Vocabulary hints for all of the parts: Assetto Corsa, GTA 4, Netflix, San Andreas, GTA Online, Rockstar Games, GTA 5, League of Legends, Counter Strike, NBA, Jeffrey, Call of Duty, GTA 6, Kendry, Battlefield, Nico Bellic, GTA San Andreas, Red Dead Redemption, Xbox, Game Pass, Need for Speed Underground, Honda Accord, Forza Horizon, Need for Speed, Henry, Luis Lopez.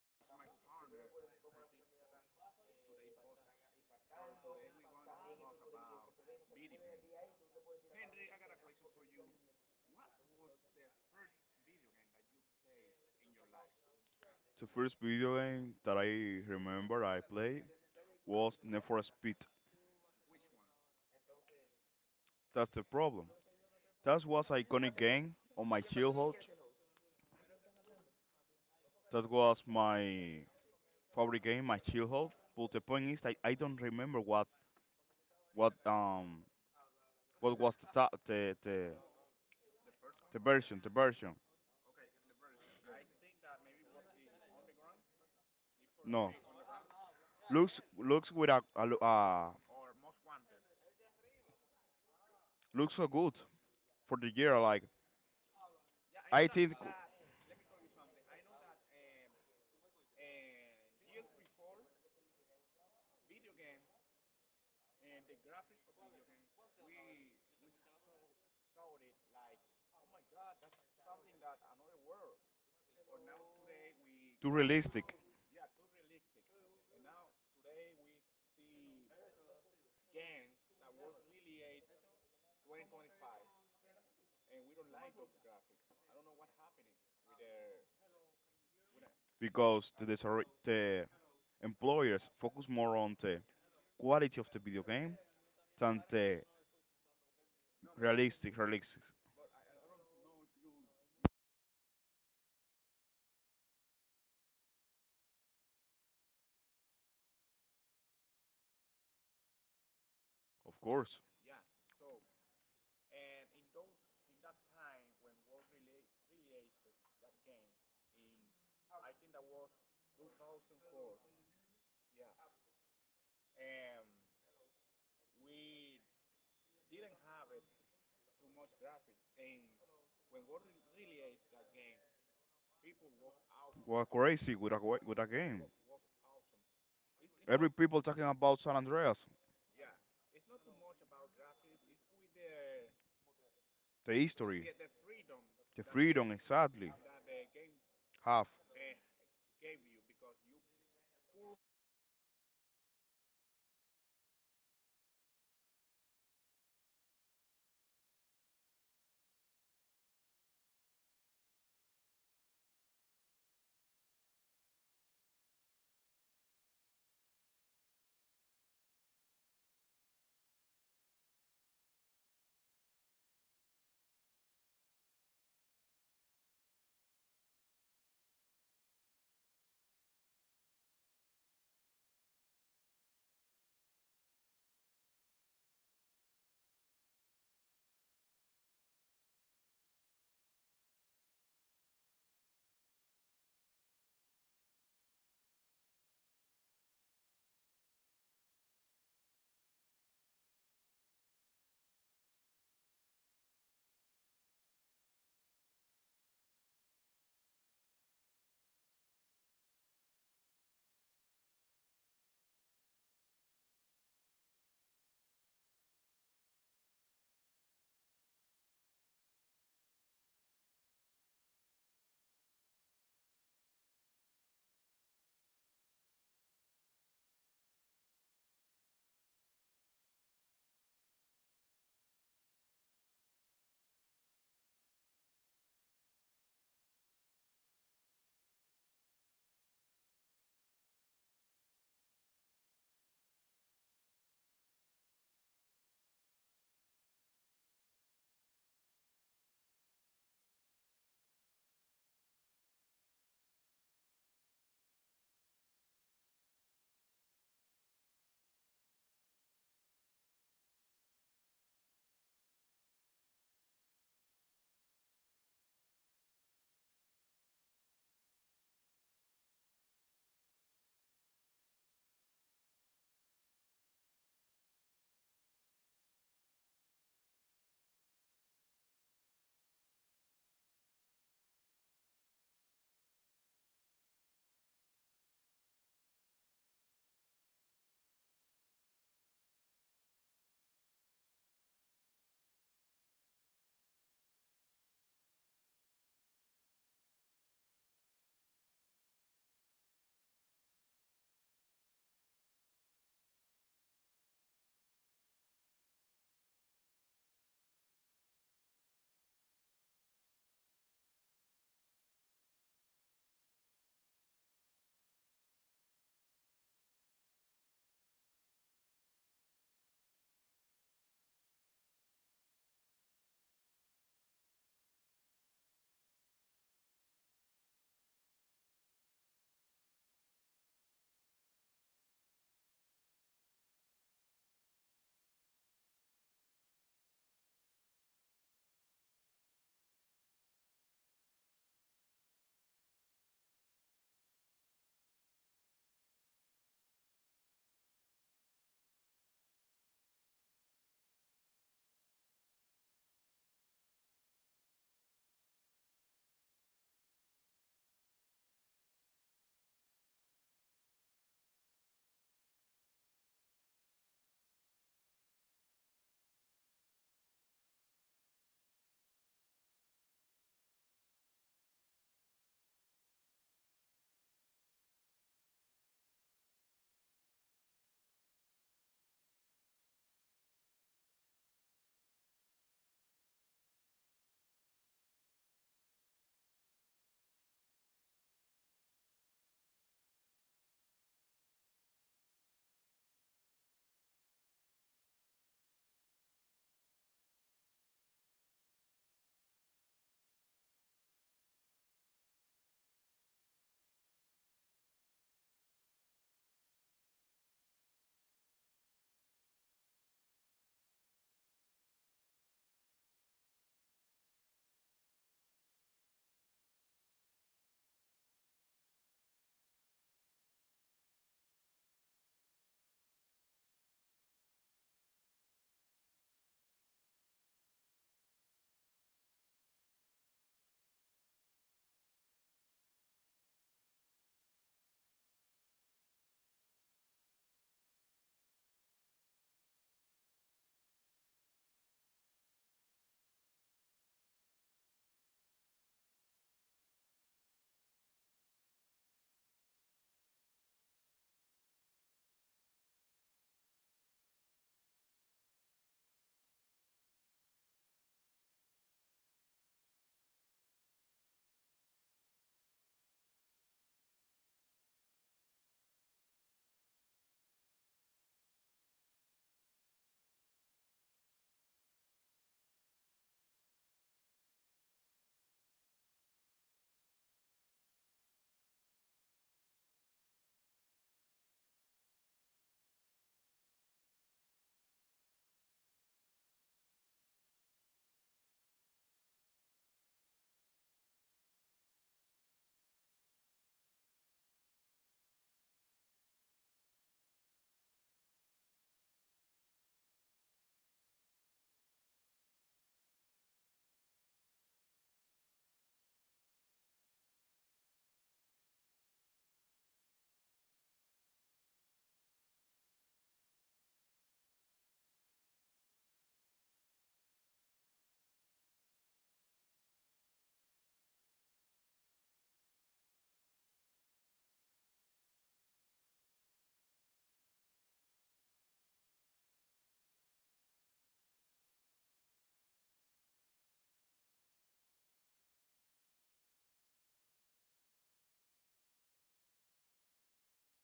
that is my partner to this podcast, today's podcast. So today we're going to talk about video games. Henry, I got a question for you. What was the first video game that you played in your life? The first video game that I remember I played was Need for Speed. Which one? That's the problem. That was an iconic game on my childhood. That was my favorite game, my childhood. But the point is that I don't remember what what was the ta- the, the The first the one? version the version. Okay, the version. I think that maybe was the Underground, Need for No, Speed Underground, looks with a or Most Wanted. looks so good for the year. Like Yeah, I know I that. think That let me tell you something. I know that and years before, video games and the graphics of video games, we saw saw it like, oh my God, that's something that another world. But now today we too graphic, realistic yeah, too realistic. And now today we see games that was really a 2025, and we don't like those graphics. I don't know what's happening with their with that. because the employers focus more on the quality of the video game than the No, man, realistic releases. but I don't know if you are catching my question. Let's let's say, do you remember GTA San Andreas? Of course, Yeah. So, and in those in that time when World related that game in, I think that was 2004. Yeah. And we didn't have it too much graphics. And when World related that game, people was out, we're out crazy with a wa- wa- with a yeah, game. Was awesome. It's not. Every people talking about San Andreas, Yeah, it's not too much about graphics. It's with the the the, history, the, the freedom the that the freedom game exactly, that the game. have uh, Gave you because you could have girlfriends, a lot of girlfriends. You could go to the gym and put you yourself fit. You can get fat. You can customize cars, and you and can fly airplanes. You can do you. everything that you want. Yeah. And now, with um, Saga, yeah, the next generation that was GT4, and we got more graphics but less freedom because there were not airplanes. You you didn't were able to go to m- to the gym and things like that. Have you played GT4, yeah, of course, was an excellent game. In my childhood, I used it to play that game, and was so good because I feel like I was that person, I was the player, the player? right? And I feel so freedom. I feel like it was my own world. Okay, so what do you think about and the main character, The main character, the main the main character, character was I don't remember his name. Could you Nico please? Bellic? Nico Bellic. Yes. Nico Bellic was so awesome. That's my favorite character. Do you know why? Why? Because was the most intelligent. Well, I could say that he one of the most intelligent of the saga GTA. Yeah, and but yeah, I like that character. I could say that I like that. So, do you know something about GTA 4? I think that GTA 4 was the darkest. So, Saga. game of hey the, Right, thank of this, right. God, this saga. Yeah, because um other other games from Rockstar Games. Don't Like, look like and that. what? Make Make you you laugh. laugh sometimes we, you know With the jokes, with the things that happen in the game. Yeah, Yeah, things thing that that happens, happens, but but and that story was so creepy. creepy, GTA and, 4 them and was sadder. I don't know how to say it in superlative. Sadder or more sad? sadder, more sad. Yeah. And Because remember that the weather on GTA 4 was like always rain, not raining, but was so close. yeah, You never really see the sun. Uh, um, will betray him. Excuse me, what do you mean? no, go ahead. Yeah, I don't know, if you want to mean about the history of the game that the story. Sorry, it's not the same history and story. The story of the game and says that there is one character that betrayed the main character, Nico Bellic. Yeah. Do you know what is betray? Pray Betray is is when when you you was, have have. so long when I played that game. I only remember Nico Bellic. Let me tell you something. Betray is when you give confidence to somebody, and then that person and do something to you that you didn't like. Like for example, you have a girlfriend and that girl Go with and and the other have man. another love with another man. That's she's betraying you. That's her. Now, now Now, you you, that, know know what that, is the the meaning meaning of of betrayal. betrayal, right? Right. Okay. That uh, that, that turning on a war, bruh, the word change. It's not a betray. It's like a cheating. When a girl is with a man, which Cheating, yeah. And cheating is cheating and betray is the same, okay? Betray could be for friends, or for, forgive huh? For person that you love Yeah, for your could be for friends that you raise together, you live together, and when that person has an opportunity to get to get something, of you. um, from another body, that person sells to you, yourself for Even your fathers can do that. yeah, sometimes, um, your father, your close relative, betray you. In this world, you don't know what could happen nowadays. So let's go back to GT4 and then we go to GT5. Did you know that there's sequels, um, in GT4? We do- after GT4 there were addictions. Of GT4, Yeah, the the, the next one was, about bikers on motor motorcycles. motorcycles. Yeah, they were again like, people that love metal, drug. Yeah, those those stuff like that. And the the other the other one was, uh, a Dominican main character. Yes. Yeah, I Do, got you. do you know who is? I think that is, Luis Lopez in GT4. Um, people love that edition because you could go to the nightclub, and you can go, you could be the, and the doorman. I don't know how to say it, the person that can say you can get in, you can, you have to go, do you know what is a doorman? Like uh, The person that is outside the nightclub. Yeah. like Okay. Like them, like that. Security, ah, To give you access, to get in or not. security persons, no? Yeah, it's a security person.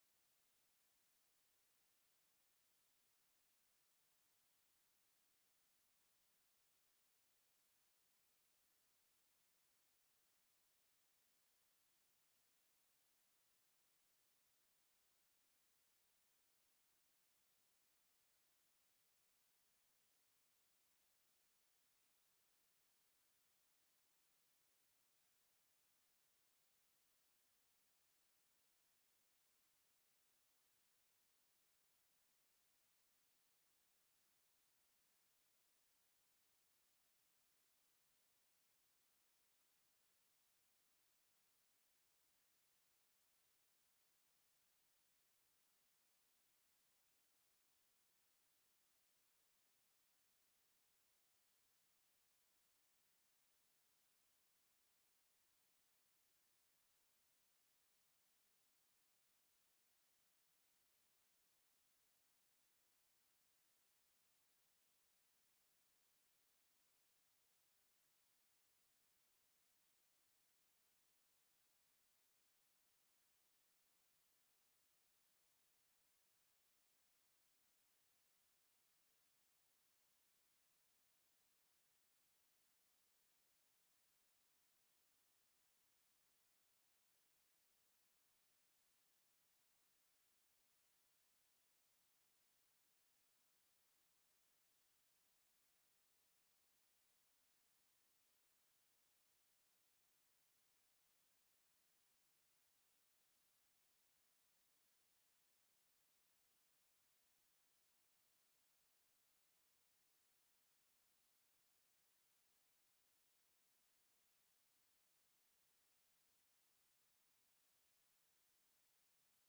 In that game you can go to the to the nightclub, and you can, deal with drunk people on the nightclub. You can dance with girls, and you can get girlfriends in the nightclub. And you know what happens then? I Yeah, can't say it. So can. let's continue. The next, um, video game was It have GT5. GTA 5. It Yeah, man, I was crazy to play it. I remember the first days when was released GT5, and I was and. was a and chill. It Huh? was released. I was like 12, 13 years old. 20, 10 years old. 12 and 13 years old. Yeah, and I was expecting all the videos on YouTube and watching how the game looks, and I was crazy about playing that. And So you want to get the game too. Yeah, yeah, because that looks so impressive. Like, whoa, the things look like that. So that's so cool. yeah, And when you game, when you I I play, wait like one year to play the for, game, to, to play the game. Yeah, because I didn't have consoles, and even though if I got console in that time, man, the game was pretty, expensive. expensive. Yeah. Yeah, remember that when a game is is too much wanted, people are get, are get, The it price is getting the price is crazy the and price get is crazy. they can spend A lot of how how money. much money they want about the game. So, one year after one year that the GTA 5 was released, then comes GTA Online.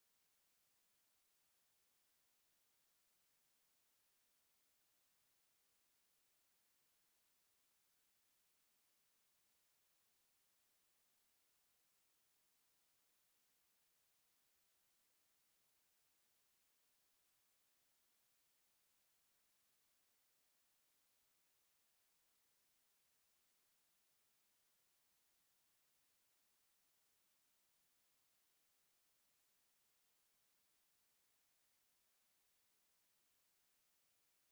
Have you ever played GTA Online? I don't ever play GTA Online to, yet because I don't have the first one, the how I call you this. The first problem was The I don't first, have I the first problem. the first problem I don't have any friends to play together GTA 5, so I never want GTA 5 online because I don't, I don't think the purpose to play that alone because, so, and the second problem was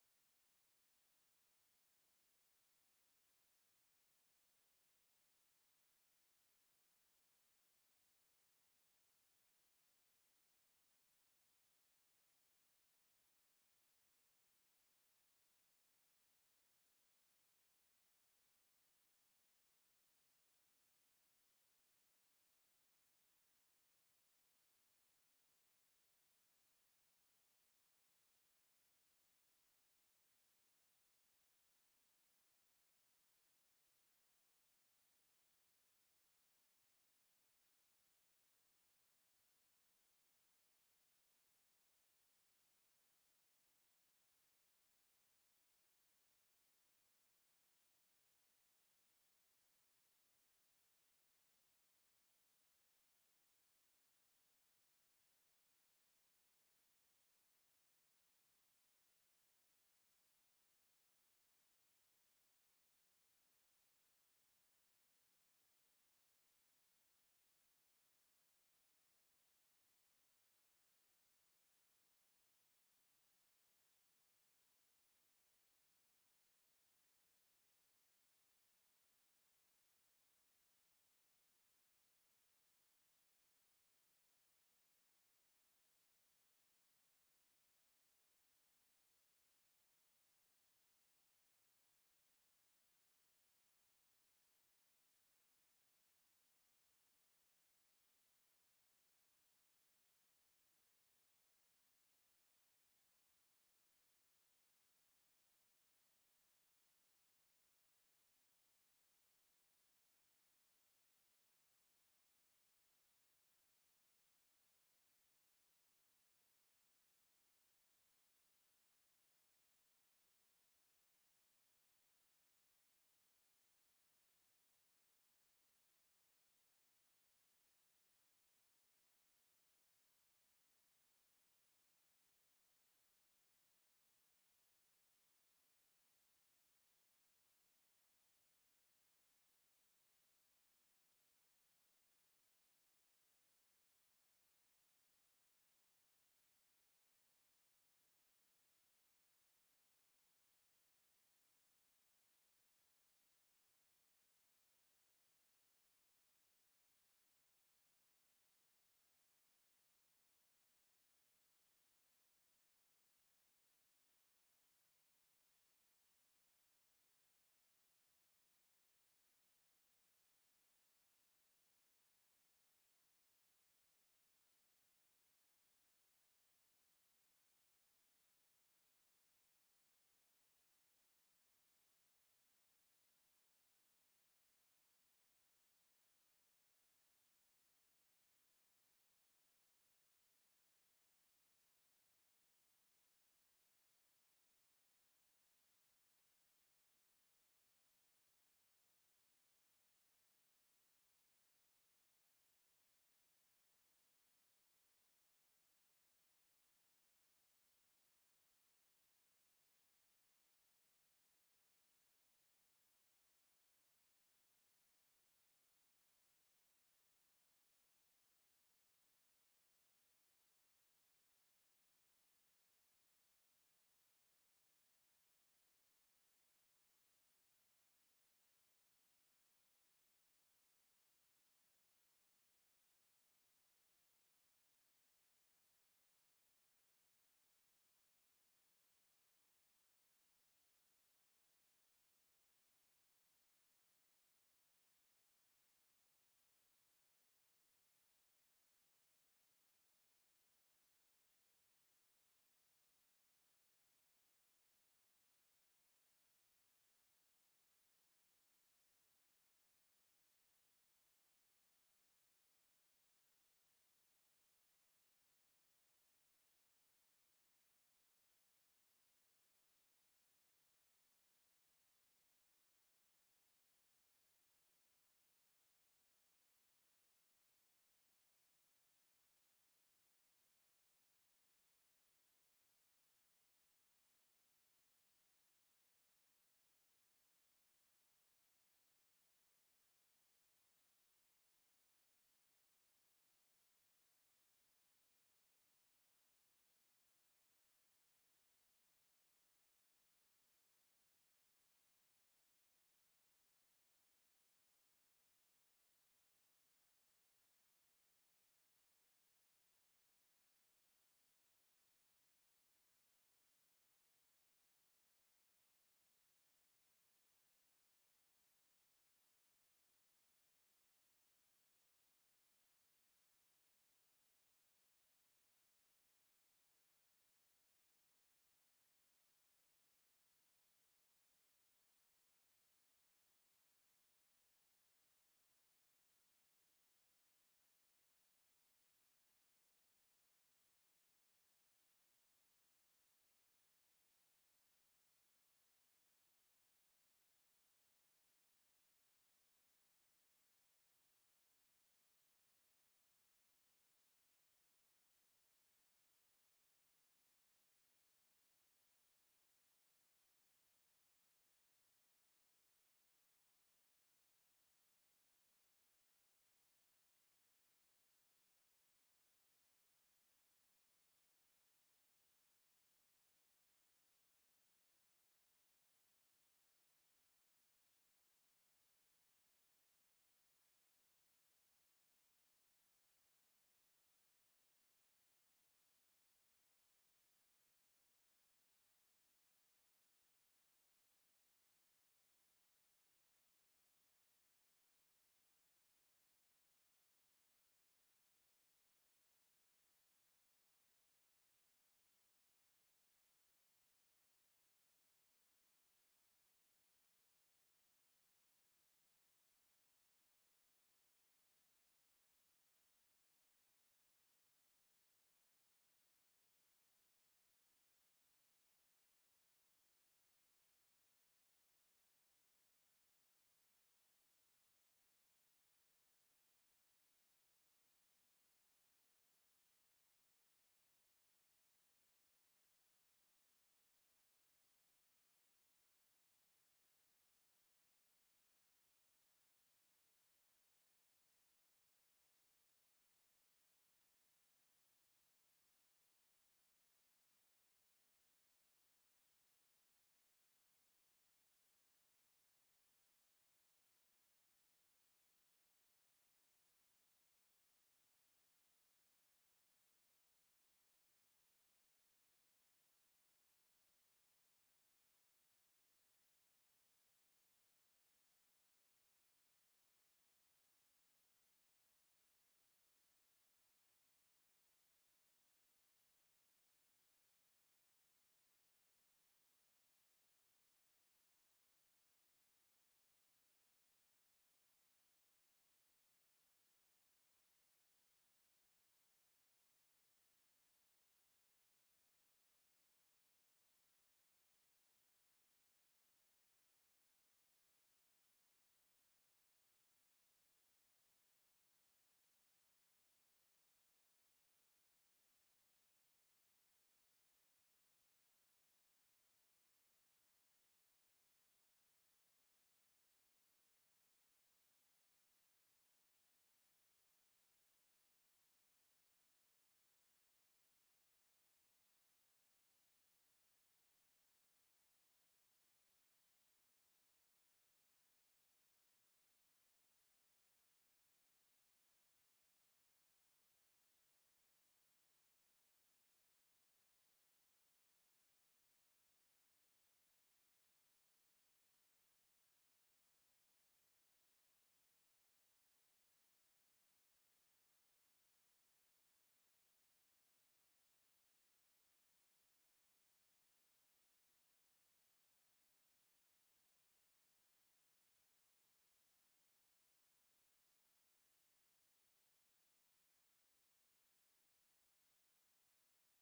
I didn't have a PlayStation. The PlayStation that I used to You didn't have the console. That console exactly. the the main problem, The main problem is that because I used to have, I used to use the console of my cousin because causing. my cousin left the country and he take off his console, so So I don't play anymore yeah, man. But remember, if you are working, you have the opportunity to buy a maybe a console. piece. Yeah, PS4, and because PS4 in Dominican Republic costs around 8,000 pesos, more or less. So you can reach for one if you want. You want to know what is the most curable that I am making a, PC on my house. Like I already, Uh, I already have a setup like the monitor and the PC. Okay, and what happened? Why did you didn't play GTA 5 in that game, in that, PC? No, I didn't, I didn't buy the GTI yet, so. The graphic card? Yeah, the graphic card is what I need. Okay, I got you. Yeah, I wanted to build a PC, PC gamer, but I prefer to buy a laptop gamer. And for the games that I play, I am not requiring, uh, such as, you know, uh, the most powerful PC. PC, because, games that I play on PC Also, in it's PC basic. are, yeah, they don't require too much. I don't know if you know that game that called League of Legends. Yeah, I used to play League of Legends. you used to. I was so um. How can I tell you this? Like so upset with the game. Yeah, I was playing every day, every night, every time I was playing League of Legends. and what rank were you? I don't know. Okay, bronze, platinum, I didn't remember because silver. I didn't remember because when I was playing, I didn't take an account until every that I have. I just want to play Okay. Nowadays I play LOL after my work and to like obsolete. one hour, 2 hours with my cousin. Yeah. You still playing League of Legends? You still playing? Yes, I still playing. After work, Wow. I go to Wow. my home and I play video games like one hour, 2 hours with my cousin in his home, and we get upset together. I I told him bad things to him, because I get upset. But let's go back to drug games one more time. What do you think about GT6, GTA 6? I think that the community are expecting a lot of that game. They're expecting like too much. But I think that it's going to be like GTA, 5 but with more details, not graphics. Like Okay, I got you, man. But I think that you did not play G- Dread Dead Redemption. no, I never played Heritage Detention, but I have listening a good opinions of that game Man, if you play Dread Dead Redemption, you're going to to be change. freaky because, man, I know, I'm not gonna say that because it's a bad word, but man, the details of the Re- horses are insane. really? Yeah, and remember, tell you something after this podcast, okay? But Man, tell me one example. What kind of details that horses have? and you can see the, the, the veins the veins of the horse. Yes. Boom, bumping, Yeah. You can, if you go to the cold side, a cold side, of the map, you can see how his spot the body of the horse, and, stretch it up, get difference. get more stretched. Yeah. And another thing, when you are shooting somebody and you hit in the neck, The you person can is going see to, how the person, bloody out, or in that part that you in, bled, in that you part, you, yeah. you shut up, And man, was insane. If you kill somebody in the game and you left that body bleeding and, in the floor. in on the floor, and you return to that place 6 days before, you're going to find That same the person scum, the the school discomposed. the school in the composition. Wow. Yeah, that's insane. And. So, no details are Red Dead Redemption, a that was released on 2018. So now, 2018 yeah, now think about the newest game that will release on 2016 or maybe 2017. Because 1 second, and let me looking for something. Okay, okay, I'm back. So, man, it's not that the person, the people are expecting too much that game. That game will be and one before and one after after video game history. Okay, so um, I am saving money for that, for and the next I GTA, eh? for the next GTA, Yeah, GTA 6. and how much is going to cost? You don't know? Well, man, if Rockstar posts the game on in $100, I don't mind to s- to spend the money in that, That could be 80,000. 80,000? 80,000 pesos. Yeah, 80,300 pesos. Wow. No, no, excuse me, 6,300 pesos. 6,000. No, 6,600 pesos. man. Yeah, No. remember that the Ah, the dollar increase, right? yeah, yeah, no, no, the dollar in DR is 63 per dollar. 63 per dollar. Ah, yeah. Yeah. So, man, do you like Call of Duty? I like, but I think that is a little bit boring because I don't like too much the jugability, Huh? like the way that the personage move. Like when you are shooting, Uh-huh. for me it doesn't feel real. It feels like more, more hard. It's harder. The camera doesn't move like I want. But I Okay. think that could be, that could change. Have you ever played Battlefield, Counter Strike? So, Never, so, never. man, you don't know nothing about shooters, okay? What about NBA? I never heard that name in my life. Huh? I never heard that about that in my life. NBA? Man, Jordan, Ah, okay, okay, NBA, yeah, yeah, yeah. basketball, national basketball, and I don't know what means the A, American. Duncan, wait, Well, um, hold on, hold on. Let me look for something. Yeah, I got you now. So, have you ever played NBA? Never, never. I would physical. Did do you about you talking about the game or the real real life? The life, man. I mean, the game on No, video games. I play, but not too much because I look for my phone and try to play an NBA in my phone, but I Okay, was you. so bored. I used to play NBA with my brother. Um, I got good memories of that, I could say. What Okay, man, about um, baseball? Did you baseball. play baseball? I don't like baseball. Me too. Me neither. I don't It like. it is bored. It's so, it's so bored. Yeah, because Why the people enjoy that? Like, yeah, yeah. Um,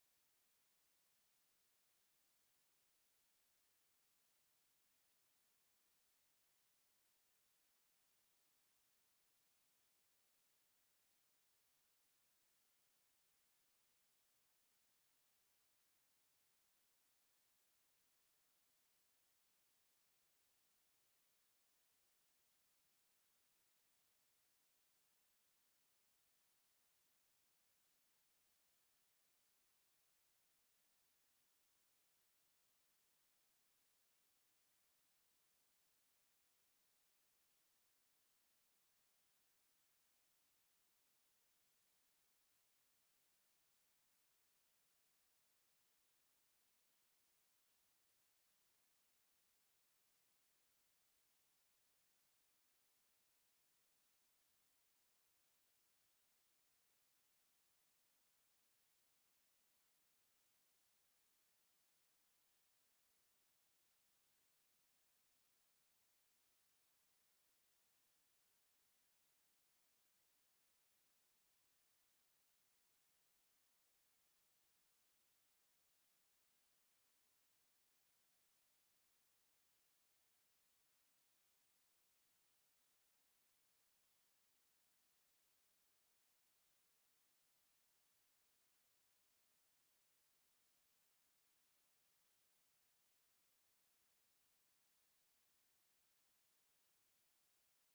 I don't think that baseball is a an strategic that's game. what game. Are you listening to me? I don't think that baseball is a strategic game. Game. Yeah, It's not. and you don't have to think. It has the same who It's only the same move. automatically everything. You hit, you hit the ball, you run for the ball for the base, and then you go to home. Yeah. In basketball, you have to think. It's something like um like, you are living in every single second. You have to be pending to all the details. The the enemy that is Going to um do because every everything changed in 1 second. yeah. On baseball, not too much. And I don't know why baseball players are better paced than basketball players, because basketball player has to move more, have to think more, and there I think that they sacrifice more. More right. Yeah, I think on baseball is just a game for rich people. huh? I think that baseball is just a game for rich people. Yeah, I could say that maybe that's the reason that they earn more money. So, mm, May I ask you something? yeah, Um, what you think about a game about cars? Do you don't like it?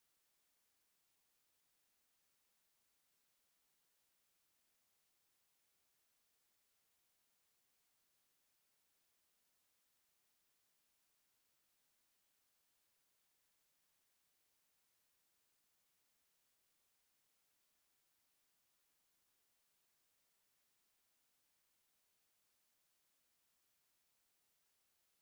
I like Forza Horizon, And you and like I had a Xbox, and you know that Forza Horizon is not available for Xbox? for PlayStation. It's just a popularization. No, it only for Xbox. So I used to pay Game Pass. Man, the best thing that the humanity do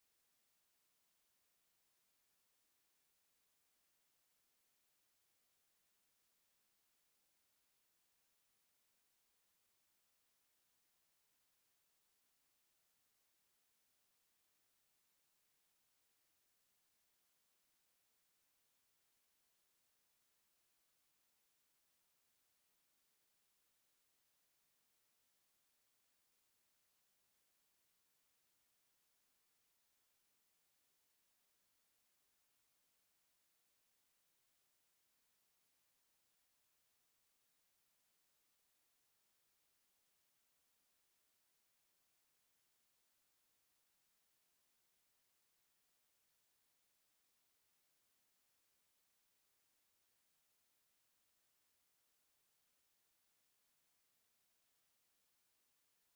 or have done is Game Pass create Game Pass. Yeah, because you pay $3, $5 monthly, and you have access to 100 games monthly, and they're changing monthly. So for a person that um, is at home, are not working, and it's good because he has time enough to to complete every video games in 1 day, in 3 days. But if you are an adult, a responsible adult, and you have to go rep- go work and do your things, I recommend you buy a game, even if it costs $30, $40, because if you pay for a membership that give you the opportunity, but you are not sure if the membership going to change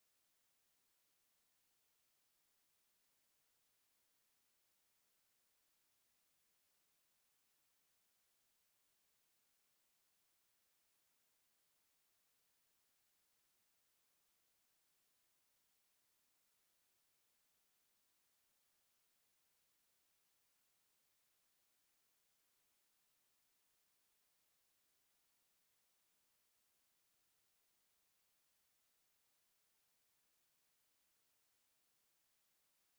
the or game. the game or eliminate it for the next month. Man, and you will be in the game at the middle. So, what do you think about? That is um a cheap way, like too easy to play whatever you want for the for a cheap price. Price. Let me make you another example. It's like and you start to watch a series on Netflix and has seven seasons,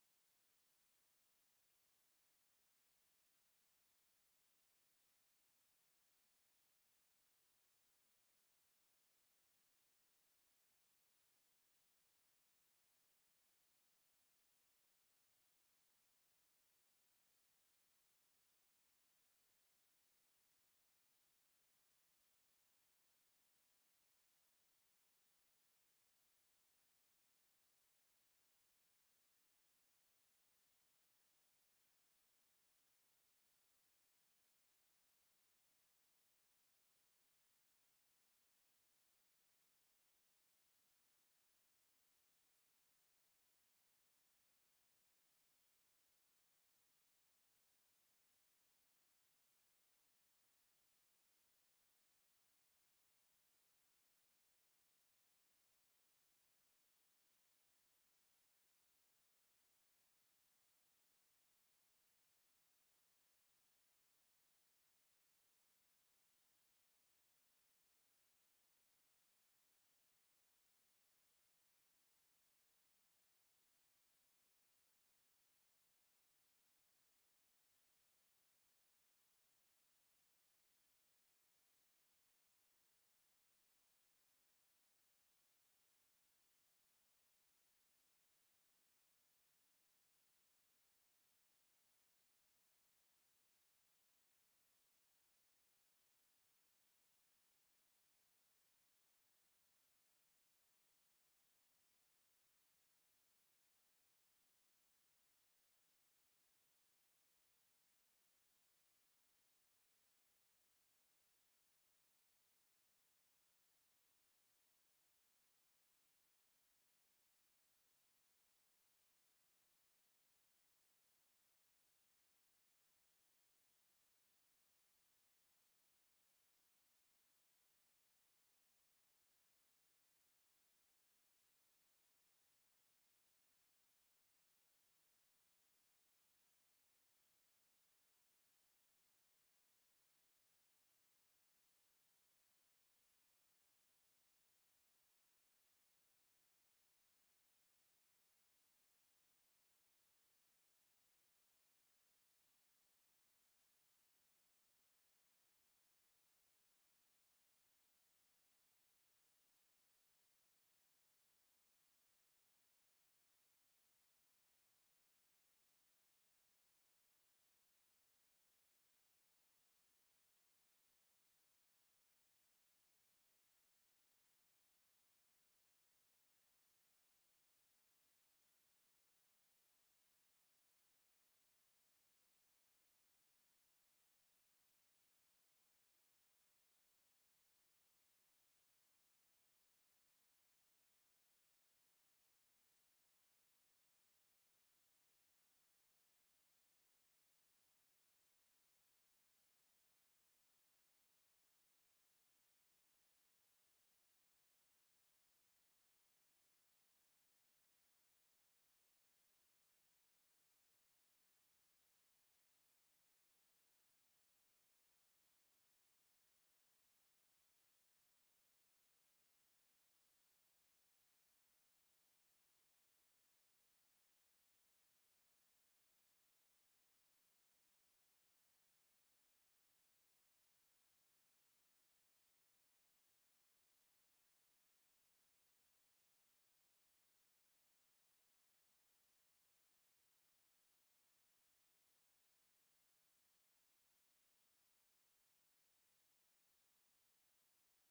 seasons, sorry. And when you add at the third season, Netflix eliminate the series. Yeah, It's something like that. that's something to happen. That used to happen. It's the Yeah. most frustrating that could be happen because you're going to lose. Netflix need to have in mind that they are going to lose public if they eliminate that series just for yes. Like Mm-hmm. it doesn't matter if you're watching or Man, not. I don't know, but honestly, I don't like Netflix series not too much. Maybe the if you put me 1,000 series on Netflix, I only like two. True. Yeah, cause I think that they are doing something with uh, I don't know. They are too much inclusive. Do you know what means inclusive? Yeah, So of course. Honestly, I don't like that. I prefer a series that They they do before. You want to know something. Yeah. Have you ever heard about? The problem, Uh huh. the problem with the, with Netflix is they they want to be more inclusive, right? Yeah. But To they to not reach to everybody. exactly, but not everybody wants to be inclusive because all the person have different tastes. You Hmm. get it? Yeah. So this is so controversial because if you are seeing a series, right, Watching a series. watching a series, and you like horses and ponies, and Netflix want to be inclusive and want to add ponies and horse in every series that they made, what happened with me? I don't like horse and series, so horse and ponies they are not get, being inclusive. They are being um. How can I tell Man, this? I didn't understand your sample at all. So let's go back with Games Car, okay? Okay, man. So, talking about Forza Horizon, the one of the most thing that I loved of that game was um the opportunity to ride a lot of cars that they got. Man, even if you want to drive Honda Accord and 20 2026. 2004. I'm talking about old cars. Yeah, cars that are um, popular in DR. You can find it at there. So you can and ring that you are driving the Mm. car. And also, the city of Forza Horizon are so realistic. Like you can enjoy the street that you are driving because you feel, Yeah. you feel everything. Do you know the last or Forza Horizon that was really released was in Mexico. And you maybe you can drive over there, and you can think that you are Oh, driving in. Mexico, No, Mexico. even in DR, because Ah, the three are at the similar, end those countries are Latin country, so maybe they can be um similar. yeah, they can look similar. Um, you want to taste one game. I want to play a game, but I don't have no friend to play that game because I want to start to play that game when I finish to ensemble the PC. Okay, I only when you terminate building your PC? exactly that game is called Assetto Corsa. Have you ever heard that? Could you repeat that? Assetto Corsa, It's a driving. Uh driving game. huh It's a car. It's a gaming about cars and driving, and reading? driving, Driving. driving. Driving car.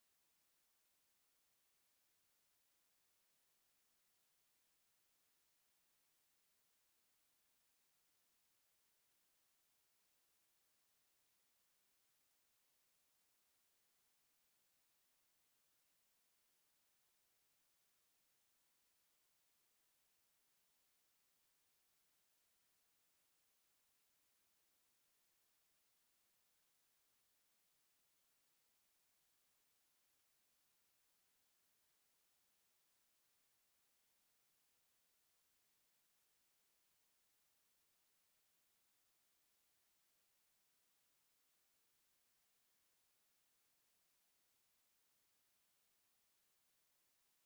I heard about it. I think that that's a professional driving, right? So so. Professional, like in, I don't know how to say it, where you can go, where you spend money in real life. When you spend money to watch race, professional races, right? Okay, I think that I saw that before. The only Yeah. thing that you have to Do to you like chess? chess, yes, yes, like No, chess. For example, chess. chess. For example, it's a table game in real life.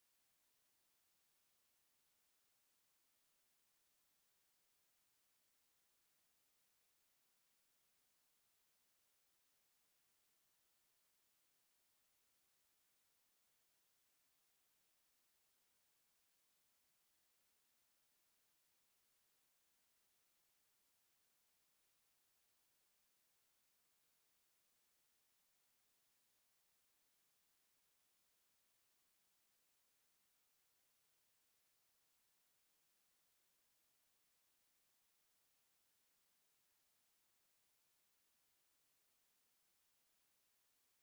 I Uh, never heard about chess, man. huh? I never heard about chess. You never heard about chess? I don't know what is. Well, maybe if I told you in Spanish, you can remember that. It is ajedrez, chess. Oh, okay, okay. Do you know how to play it? Yeah, of course, man. I am intelligent. Okay, but did you know that every single Move. Piece? Have a move. Of Yeah. course, man. So I Wait. bring my chess uh, on Monday to play it. Okay. I don't want to see that you disappear. Oh,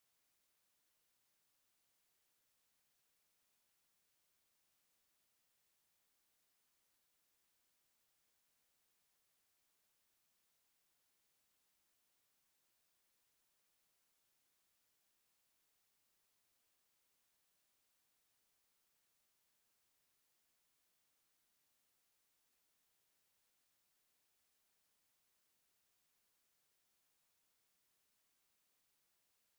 mm, No, I uh, don't. We don't have the same schedule, man. well, if we ask to get Uh, a break together, maybe the supervisor can give us oh, if you want, yeah. after two, at what time you are leaving TP? I leave in at 7:30. I don't know. Seven, seven Yeah, thirty. but uh, man,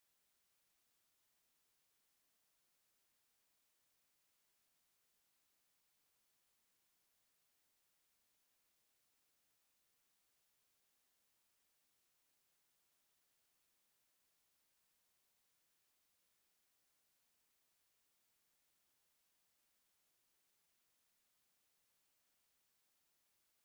remember that I got something to tell you about horses on Red Dead Redemption. Okay, so we're going to finish this. This was Kendry. Was a pleasure I go- uh, Hold on. And we have to terminate this podcast. This was Henry and Jeffrey. Thank you for listening us.